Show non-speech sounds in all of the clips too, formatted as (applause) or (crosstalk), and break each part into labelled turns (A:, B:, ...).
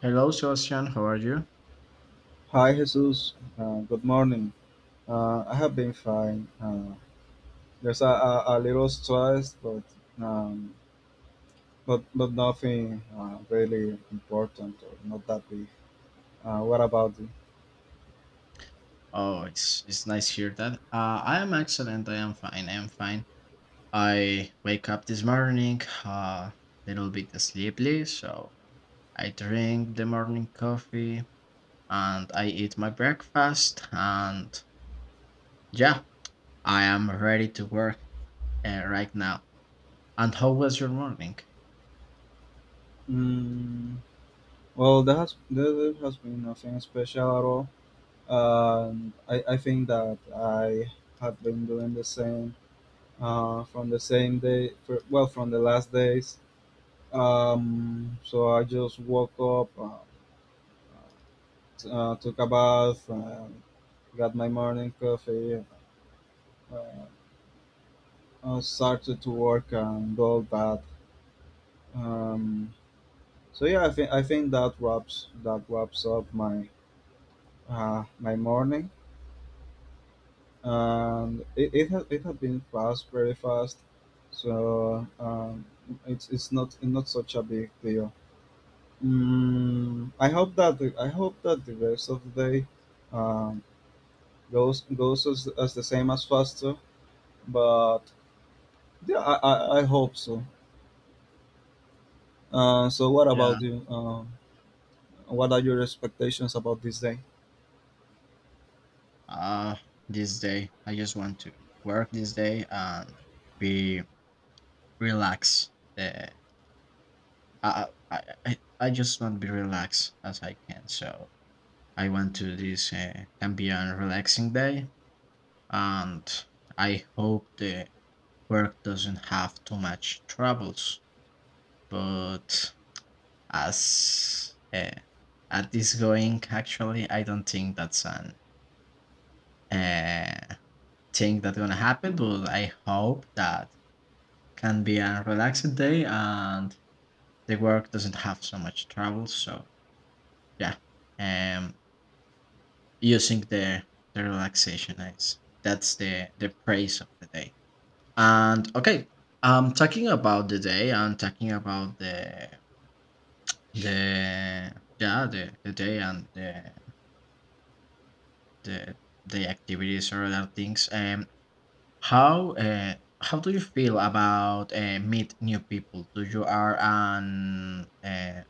A: Hello, Sebastian. How are you?
B: Hi, Jesus. Good morning. I have been fine. There's a little stress, but um, but nothing really important, or not that big. What about you?
A: Oh, it's nice to hear that. I am excellent. I am fine. I am fine. I wake up this morning a little bit sleepy, so I drink the morning coffee and I eat my breakfast. And yeah, I am ready to work right now. And how was your morning?
B: Mm, well, there has been nothing special at all. I think that I have been doing the same from the same day. For, well, from the last days. So I just woke up. Took a bath, got my morning coffee, uh, started to work and all that. Um, so yeah, I think that wraps up my my morning, and it has been fast, very fast. So it's not such a big deal. I hope that the, I hope that the rest of the day um, goes as the same as faster, but yeah, I hope so. So, what
A: Yeah.
B: about you? What are your expectations about this day?
A: Uh, this day I just want to work this day and be relaxed. uh, I just want to be relaxed as I can. So I went to this Cambian relaxing day, and I hope the work doesn't have too much troubles. But as at this going, actually, I don't think that's an uh, thing that's gonna happen. But I hope that can be a relaxing day and the work doesn't have so much trouble. So yeah. Um, Using the relaxation eyes. That's the praise of the day. And okay, I'm talking about the day and talking about the yeah the day and the the activities or other things. How how do you feel about meet new people? Do you are an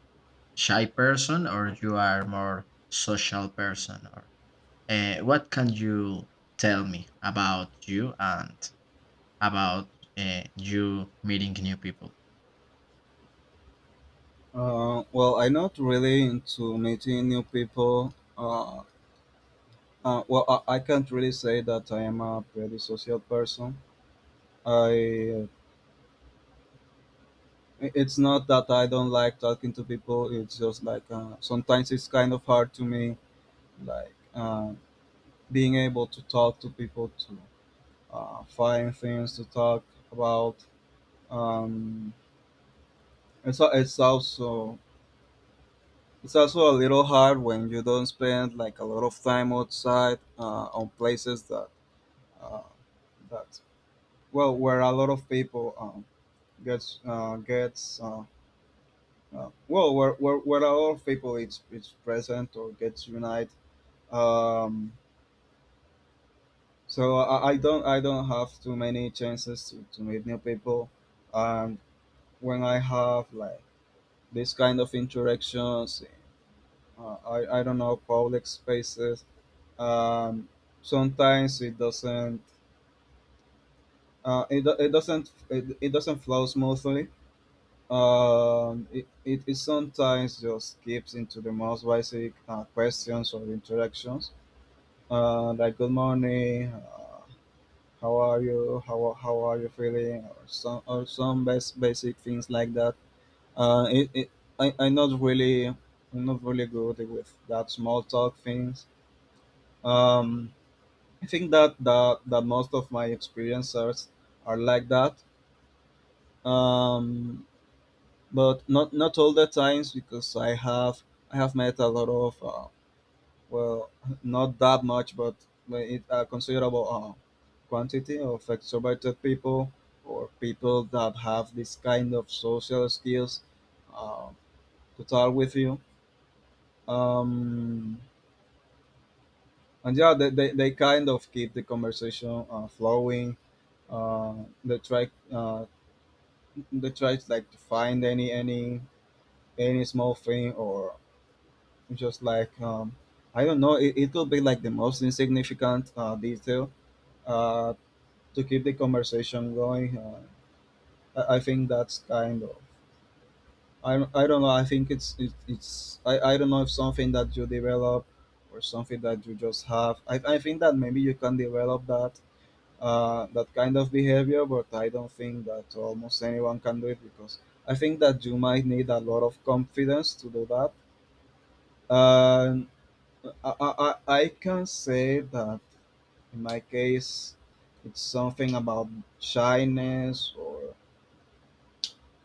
A: shy person or you are more social person or what can you tell me about you and about you meeting new people?
B: Well, I'm not really into meeting new people. Well, I can't really say that I am a pretty social person. I, it's not that I don't like talking to people. It's just like, sometimes it's kind of hard to me, like, being able to talk to people, to find things to talk about. Um, It's, a, it's also a little hard when you don't spend like a lot of time outside, on places that uh, that well, where a lot of people gets gets well, where a lot of people it's present or gets unite. Um, so I don't, I don't have too many chances to meet new people. And when I have like this kind of interactions, I don't know, public spaces, um, sometimes it doesn't, it doesn't flow smoothly. It sometimes just skips into the most basic questions or interactions, like good morning, how are you, how are you feeling, or some, or some basic things like that. Uh, it, it, I, I'm not really, I'm not really good with that small talk things. um, I think that that most of my experiences are like that, um, but not all the times, because I have, I have met a lot of well, not that much, but it, a considerable quantity of extroverted people, or people that have this kind of social skills uh, to talk with you. Um, and yeah, they kind of keep the conversation flowing. uh, they try uh, they try to, like, to find any, any small thing, or just like, I don't know, it could be like the most insignificant detail uh to keep the conversation going. I think that's kind of, I don't know, I think it's it, it's I don't know if something that you develop or something that you just have. I think that maybe you can develop that, that kind of behavior, but I don't think that almost anyone can do it, because I think that you might need a lot of confidence to do that. And I, I, I I can say that in my case, it's something about shyness or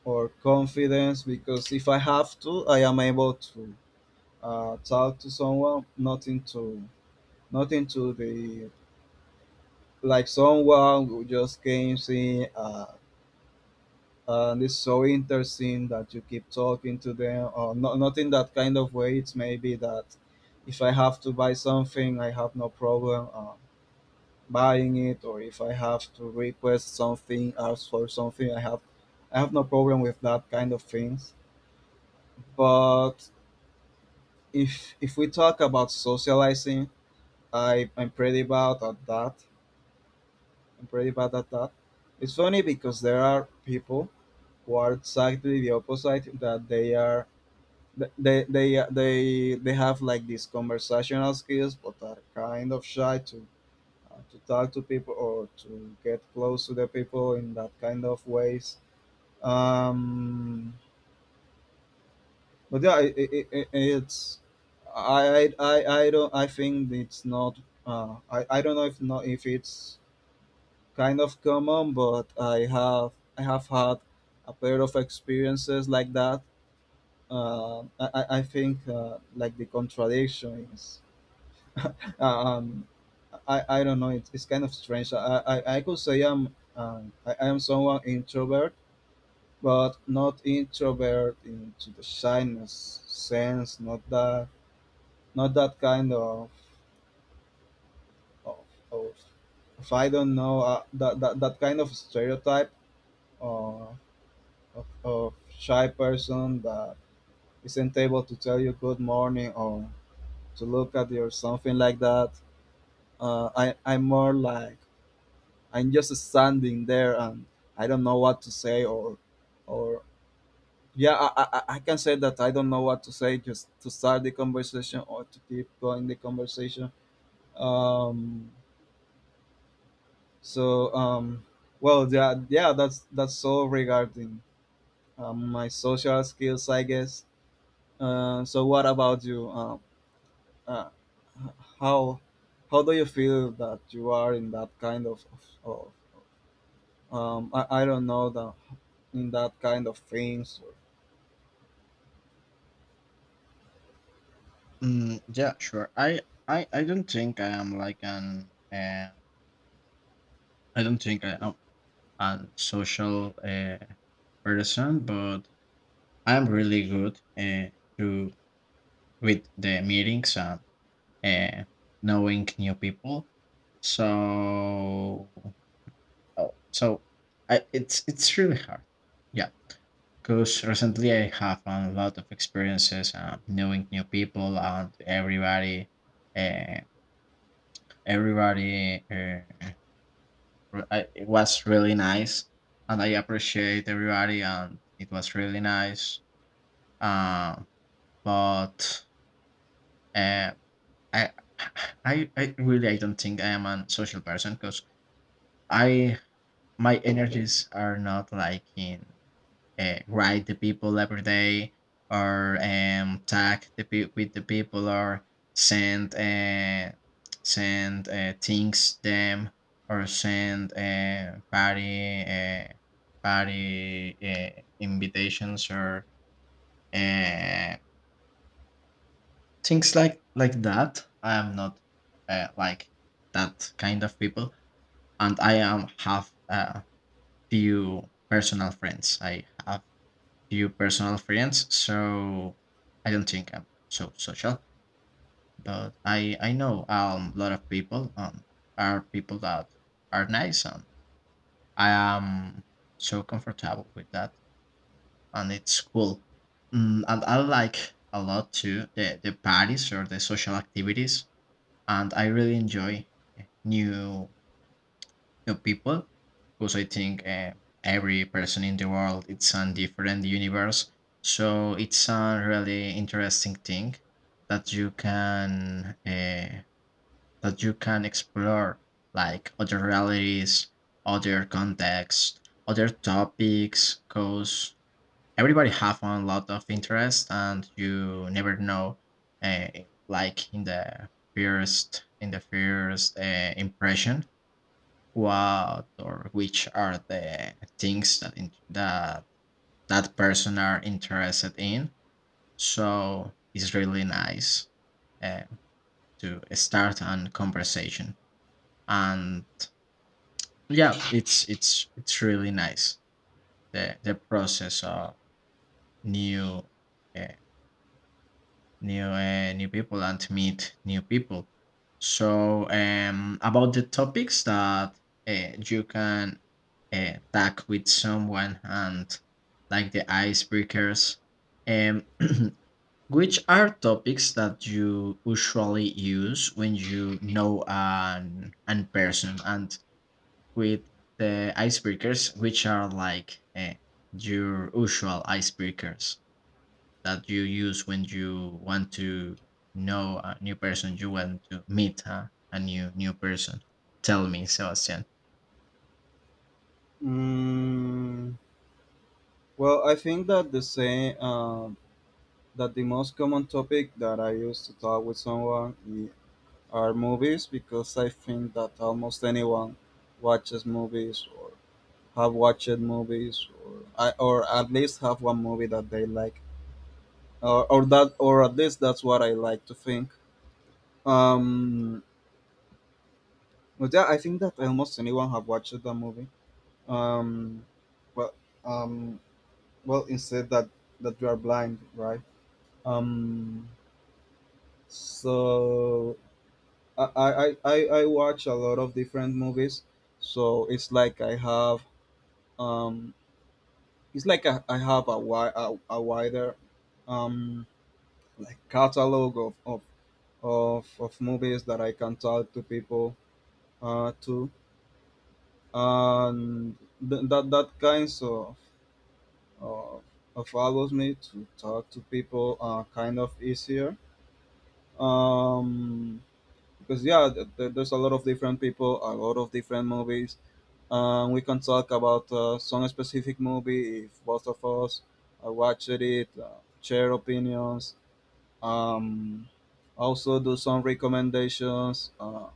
B: or confidence, because if I have to, I am able to talk to someone, not into the, like someone who just came in, and it's so interesting that you keep talking to them or not, not in that kind of way. It's maybe that if I have to buy something, I have no problem, buying it, or if I have to request something, ask for something, I have, I have no problem with that kind of things. But if we talk about socializing, I'm pretty bad at that, I'm pretty bad at that. It's funny because there are people who are exactly the opposite, that they are, they have like these conversational skills, but are kind of shy to talk to people or to get close to the people in that kind of ways. um but yeah, it, it, it, it's I, I i i don't, I think it's not, I don't know if not, if it's kind of common, but I have, I have had a pair of experiences like that. I think, like the contradiction is, Uh, um, I don't know. It's kind of strange. I could say I'm, I am someone introvert, but not introvert into the shyness sense. Not that, not that kind of, of, if I don't know, that, that that kind of stereotype uh, of shy person that isn't able to tell you good morning or to look at you or something like that. I'm more like, I'm just standing there and I don't know what to say, or yeah, I can say that I don't know what to say just to start the conversation or to keep going the conversation. um so um well, yeah, yeah, that's all regarding my social skills, I guess. So what about you? Uh, h- how how do you feel that you are in that kind of, of, I don't know, the, in that kind of things?
A: Yeah, sure. I don't think I am like an I don't think I am a social person, but I'm really good to with the meetings and uh, knowing new people. So oh, so I, it's really hard. Yeah, because recently I have a lot of experiences knowing new people and everybody. Uh, everybody, it was really nice, and I appreciate everybody, and it was really nice. Um, but uh, I, I really I don't think I am a social person because I my energies are not like in write the people every day or tag the pe- with the people or send things them or send party invitations or uh, things like that. I am not like that kind of people, and I am have a few personal friends. I have few personal friends, so I don't think I'm so social. But I know a lot of people, are people that are nice, and I am so comfortable with that, and it's cool. And I like a lot too the parties or the social activities, and I really enjoy new new people because I think every person in the world it's a different universe. So it's a really interesting thing that you can uh, that you can explore like other realities, other contexts, other topics. Because everybody have a lot of interest, and you never know, uh, like in the first impression what or which are the things that that that person are interested in, so it's really nice uh, to start a conversation, and yeah it's it's really nice the process of new uh, new people and meet new people. So about the topics that you can talk with someone and like the icebreakers. Um, (clears throat) which are topics that you usually use when you know an person and with the icebreakers, which are like your usual icebreakers that you use when you want to know a new person, you want to meet a new person. Tell me, Sebastian.
B: Mm, well, I think that the same, that the most common topic that I use to talk with someone, are movies, because I think that almost anyone watches movies, or have watched movies, or I, or at least have one movie that they like, or that, or at least that's what I like to think. Um, but yeah, I think that almost anyone have watched the movie. Um, well, um, well, instead that that you are blind, right? Um, so I watch a lot of different movies. So it's like I have, um, it's like I have a, a wider um, like catalog of movies that I can talk to people to. And that, that kinds of, of allows me to talk to people, kind of easier. Um, because yeah, there's a lot of different people, a lot of different movies. We can talk about, some specific movie, if both of us watched it, share opinions, um, also do some recommendations,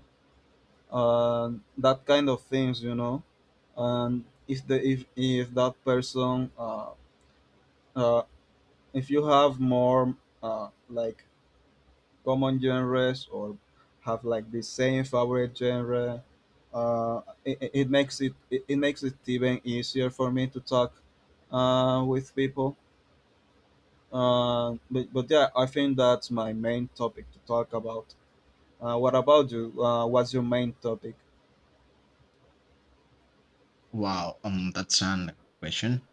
B: uh, that kind of things, you know. And if the, if that person, uh, if you have more, like common genres, or have like the same favorite genre, it makes it even easier for me to talk with people. But but yeah, I think that's my main topic to talk about. What about you? What's your main topic?
A: Wow, that's an good question.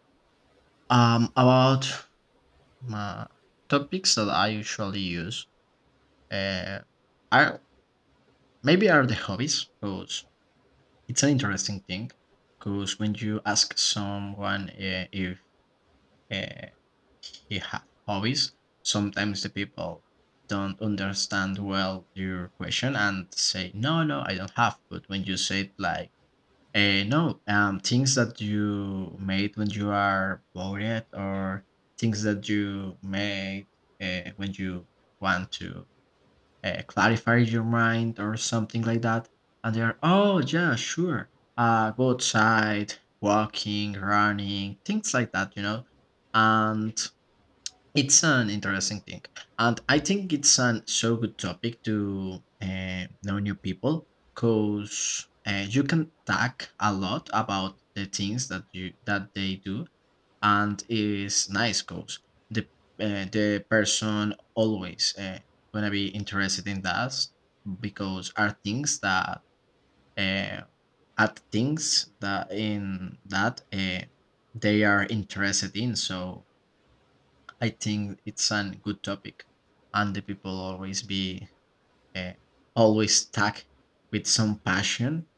A: About my topics that I usually use, uh, are maybe are the hobbies because it's an interesting thing. Because when you ask someone if uh, he have hobbies. Sometimes the people don't understand well your question and say, no, no, I don't have. But when you say it like, eh, no, things that you made when you are bored or things that you made when you want to clarifies your mind or something like that. And they are, oh, yeah, sure. Go outside, walking, running, things like that, you know? And it's an interesting thing. And I think it's an so good topic to know new people because you can talk a lot about the things that you that they do, and it's nice because the the person always gonna be interested in that because uh, are things that in that they are interested in. So I think it's a good topic, and the people always be uh, always stuck with some passion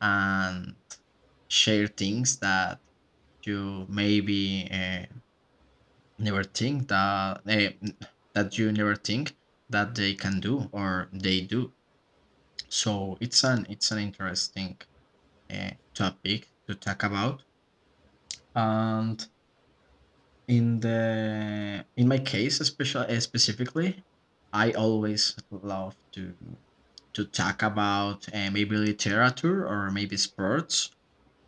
A: and share things that you maybe never think that that you never think that they can do or they do. So it's an interesting topic to talk about. And in the in my case, especially specifically, I always love to talk about maybe literature or maybe sports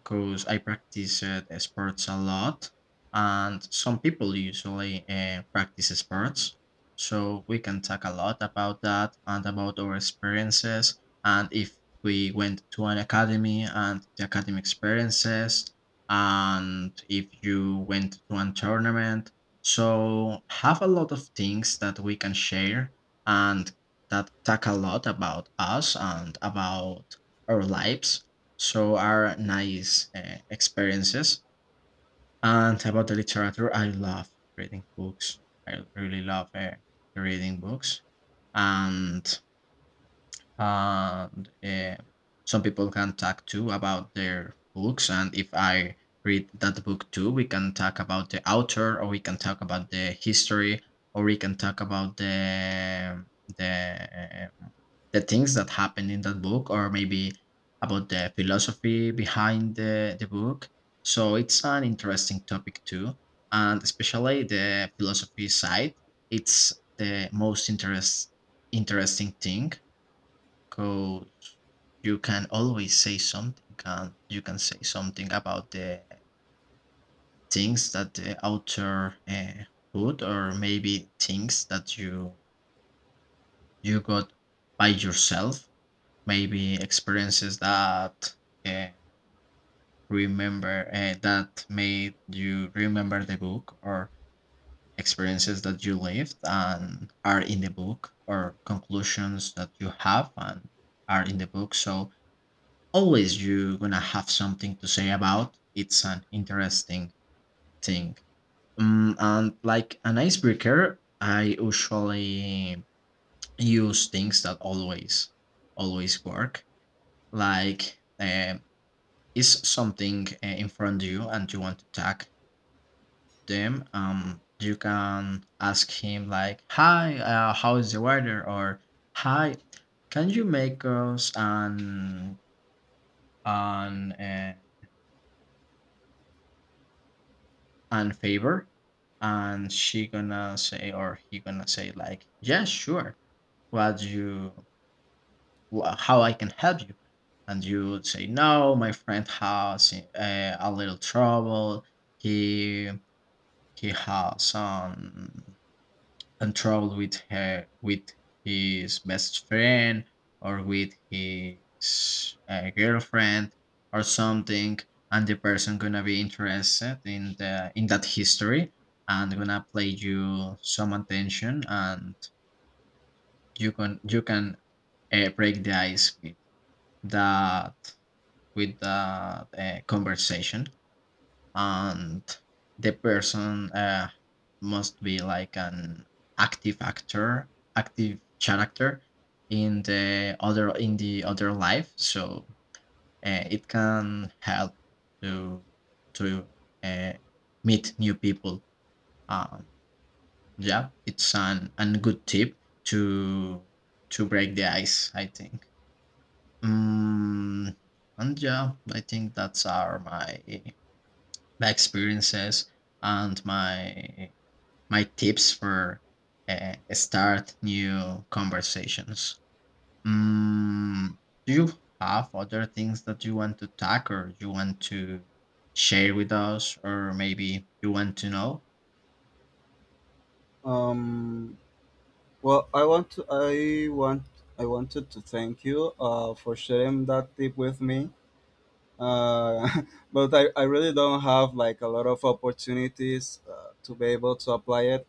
A: because I practice sports a lot, and some people usually practice sports. So we can talk a lot about that and about our experiences, and if we went to an academy and the academy experiences, and if you went to a tournament. So have a lot of things that we can share and that talk a lot about us and about our lives, so are nice experiences. And about the literature, I love reading books. I really love reading books. And and uh, some people can talk too about their books, and if I read that book too we can talk about the author or we can talk about the history or we can talk about the the things that happened in that book or maybe about the philosophy behind the book, so it's an interesting topic too, and especially the philosophy side, it's the most interesting thing. Cause you can always say something. Can you can say something about the things that the author put, or maybe things that you got by yourself. Maybe experiences that uh, remember that made you remember the book, or experiences that you lived and are in the book, or conclusions that you have and are in the book. So always you're gonna have something to say about. It's an interesting thing. And like an icebreaker, I usually use things that always, always work. Like, is something in front of you and you want to tag them? You can ask him like, "Hi, how is the weather?" or "Hi, can you make us an and favor, and she gonna say or he gonna say like yeah sure what you wha how I can help you, and you would say no my friend has a little trouble, he he has some and travel with her with his best friend or with his girlfriend or something, and the person gonna be interested in the in that history and gonna play you some attention, and you can break the ice that with that conversation, and the person must be like an active actor active character in the other life, so it can help to to uh, meet new people. um, yeah, it's an good tip to to break the ice, I think. mm, and yeah I think that's are my my experiences and my tips for start new conversations. Mm, do you have other things that you want to tackle? Or you want to share with us, or maybe you want to know?
B: Um, I want, I wanted to thank you for sharing that tip with me. uh, (laughs) but I really don't have like a lot of opportunities to be able to apply it,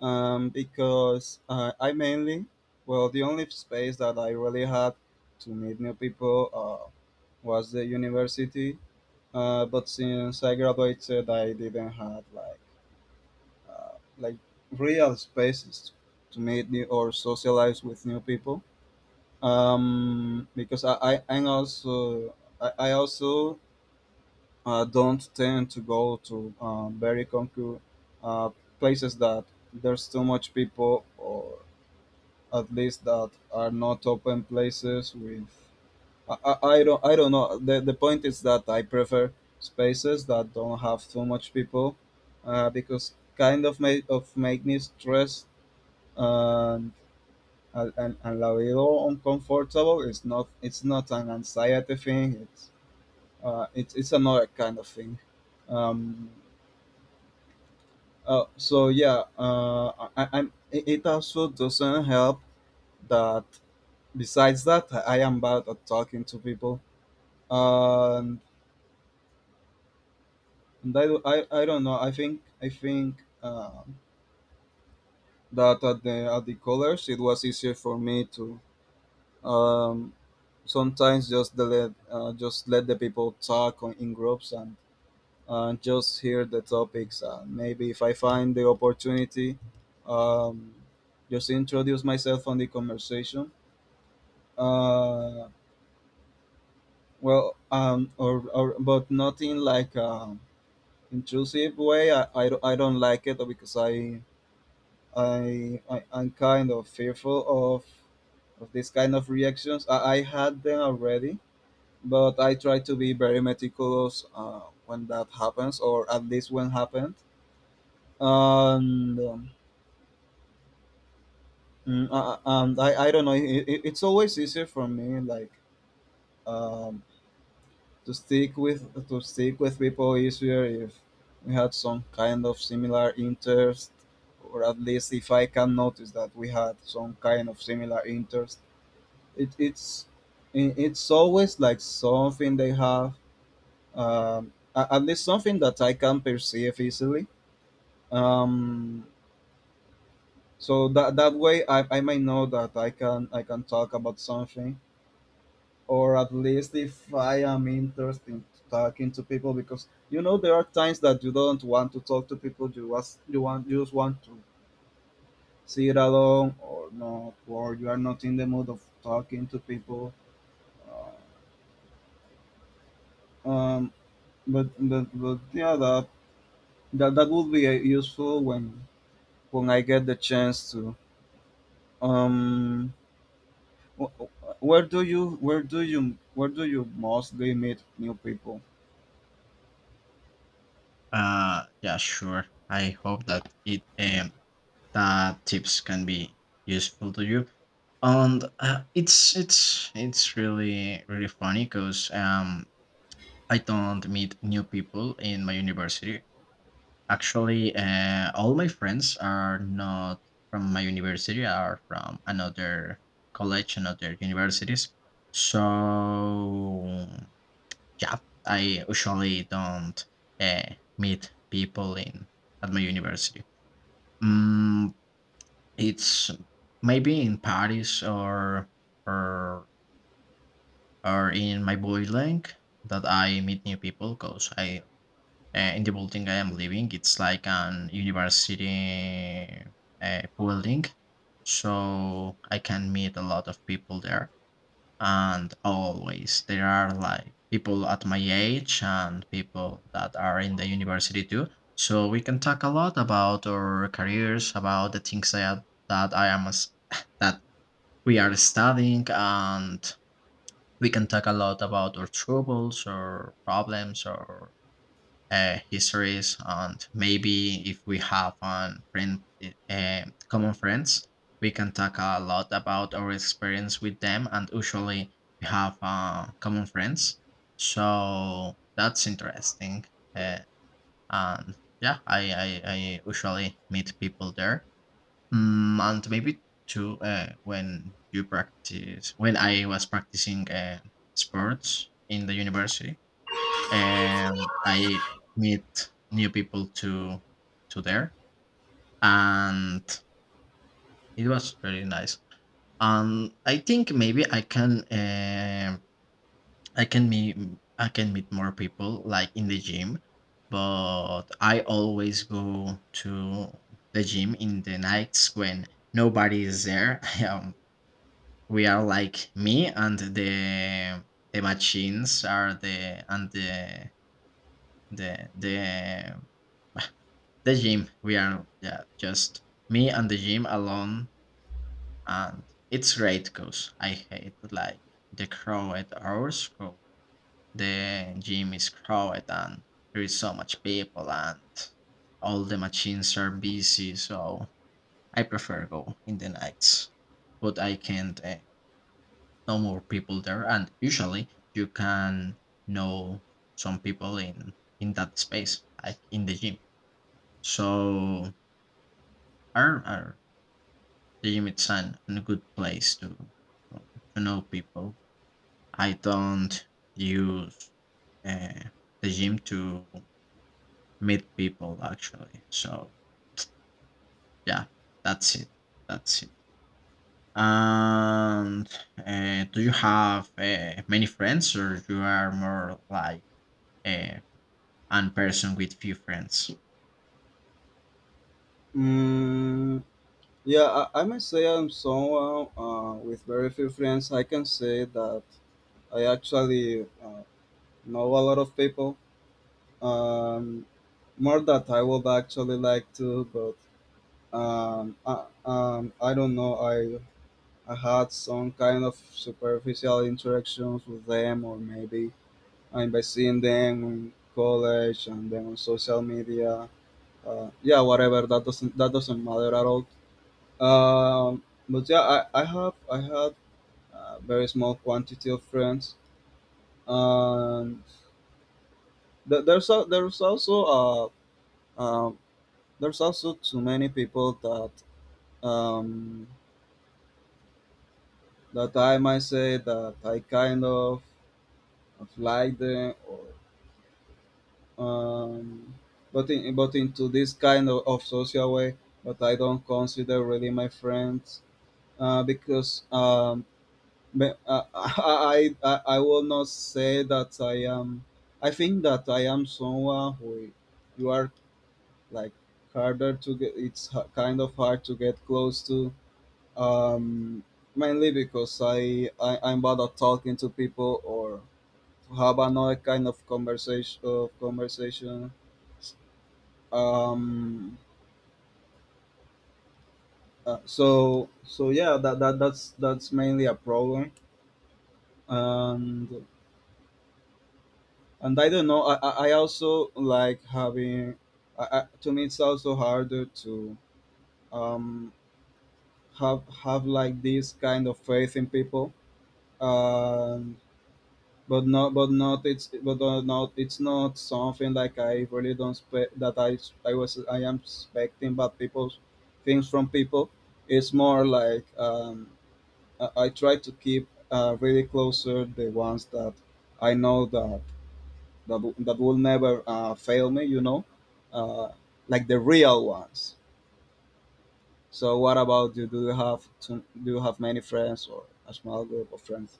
B: because I mainly, well, the only space that I really had to meet new people was the university. But since I graduated, I didn't have like, like real spaces to meet new or socialize with new people, because I also don't tend to go to very concrete uh, places that there's too much people, or at least that are not open places with, I don't, I don't know, the point is that I prefer spaces that don't have too much people, because kind of make me stressed and and la veo uncomfortable. It's not, it's not an anxiety thing, it's, it's another kind of thing. Um, Uh, so yeah, I, I'm. It also doesn't help that besides that, I am bad at talking to people, and, and I, I don't know. I think that at the, at the colors, it was easier for me to um, sometimes just the let, just let the people talk on, in groups, and just hear the topics. And maybe if I find the opportunity, um, just introduce myself on the conversation uh or but not in like intrusive way. I don't like it because I'm kind of fearful of this kind of reactions. I had them already, but I try to be very meticulous when that happens, or at least when happened. And um, mm, uh, uh, and I, I don't know, it's always easier for me, like um, to stick with to stick with people easier if we had some kind of similar interest, or at least if I can notice that we had some kind of similar interest. It, it's it's always like something they have, at least something that I can perceive easily. Um, so that way, I may know that I can talk about something, or at least if I am interested in talking to people, because you know there are times that you don't want to talk to people, you just want to sit alone, or not, or you are not in the mood of talking to people. Uh, um but but, but yeah, that would be useful when I get the chance to. Um wh- wh- where do you where do you Where do you mostly meet new people?
A: Yeah, sure. I hope that it that tips can be useful to you, and it's it's really really funny because I don't meet new people in my university. Actually, all my friends are not from my university, are from another college, another universities. So, yeah, I usually don't meet people in at my university. Mm, it's maybe in Paris or or in my boy link that I meet new people because I in the building I am living. It's like an university building, so I can meet a lot of people there. And always there are like people at my age and people that are in the university too. So we can talk a lot about our careers, about the things that I am as- (laughs) that we are studying, and we can talk a lot about our troubles or problems or histories. And maybe if we have on friend uh, common friends, we can talk a lot about our experience with them, and usually we have common friends, so that's interesting. uh, and yeah, I usually meet people there. And maybe too, when you practice, when I was practicing sports in the university, I meet new people to there, and it was really nice. And I think maybe I can I can meet I can meet more people like in the gym, but I always go to the gym in the nights when nobody is there. (laughs) Um, we are like me and the machines are the and the the the the gym. We are, yeah, just me and the gym alone, and it's great because I hate like the crowded hours. 'Cause the gym is crowded and there is so much people and all the machines are busy. So I prefer go in the nights, but I can't. No more people there, and usually you can know some people in that space, like in the gym. So are the gym it's an, a good place to know people. I don't use uh, the gym to meet people actually. So yeah, that's it. That's it. And do you have many friends, or you are more like uh, one person with few friends?
B: mm, Yeah, I must say I'm someone with very few friends. I can say that I actually know a lot of people. Um, More that I would actually like to, but I don't know. I had some kind of superficial interactions with them, or maybe I'm by seeing them in college and then on social media. Yeah, whatever. That doesn't matter at all. Um, but yeah, I had very small quantity of friends. And th- there's al- there's also uh, um there's also too many people that um, that I might say that I kind of like them, or um, but in, but into this kind of social way, but I don't consider really my friends because But (laughs) I will not say that I am. I think that I am someone who you are like harder to get. Kind of hard to get close to. Um, Mainly because I, I'm bad at talking to people, or to have another kind of conversation. Um, so yeah, that's mainly a problem. And I don't know. I also like having. I, to me, it's also harder to um, have like this kind of faith in people. Um, but not, but not. It's but not. It's not something like I really don't spe- that I was I am expecting bad people things from people. It's more like I try to keep really closer the ones that I know that that will never fail me, you know, uh, like the real ones. So what about you? Do you have many friends or a small group of friends?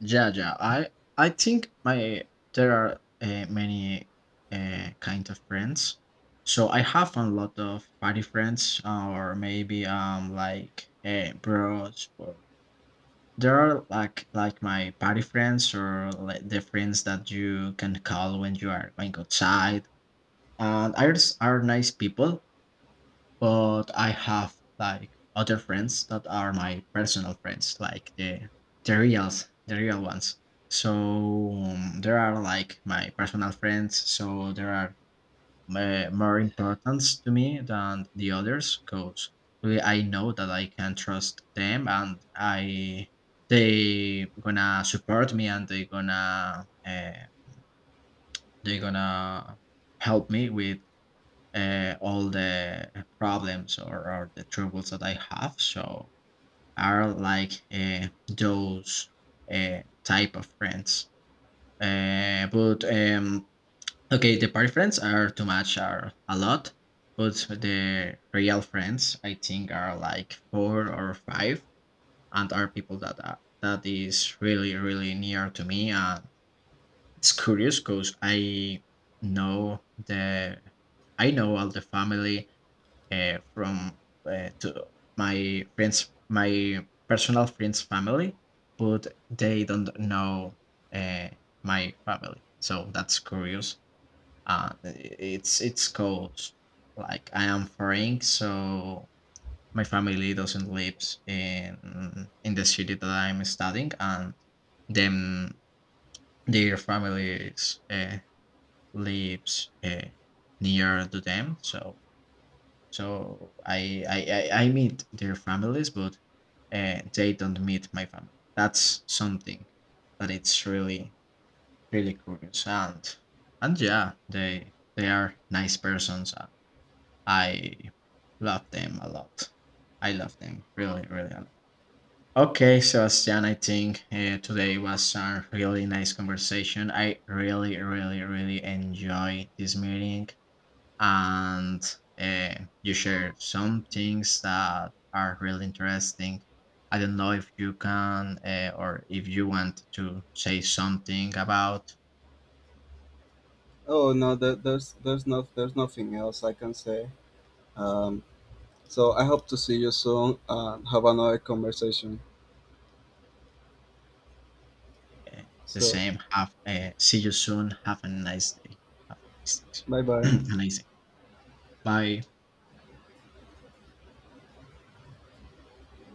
A: Yeah, yeah. I think my there are many kind of friends. So I have a lot of party friends, or maybe like bros. Or there are like my party friends, or like the friends that you can call when you are going outside. And others are nice people. But I have like other friends that are my personal friends, like the reals, the real ones. So there are like my personal friends. So there are more importance to me than the others because I know that I can trust them and I they gonna support me, and they gonna they gonna help me with all the problems or the troubles that I have. So are like those type of friends. But okay, the party friends are too much, are a lot. But the real friends, I think, are like four or five, and are people that are, that is really really near to me. And it's curious because I know the I know all the family from to my friends, my personal friends' family, but they don't know uh, my family. So that's curious. It's cause like I am foreign, so my family doesn't lives in the city that I'm studying, and them their families lives near to them. So so I meet their families, but they don't meet my family. That's something that it's really really curious. And yeah, they are nice persons and I love them a lot. I love them really really a lot. Okay, Sebastian, I think today was a really nice conversation. I really really really enjoy this meeting, and uh, you share some things that are really interesting. I don't know if you can or if you want to say something about
B: Oh no, there's there's nothing else I can say. Um, so I hope to see you soon and have another conversation.
A: uh, the
B: So
A: same. Have see you soon. Have a nice day. Have a nice
B: bye
A: day.
B: bye.
A: (clears throat) a nice day. Bye.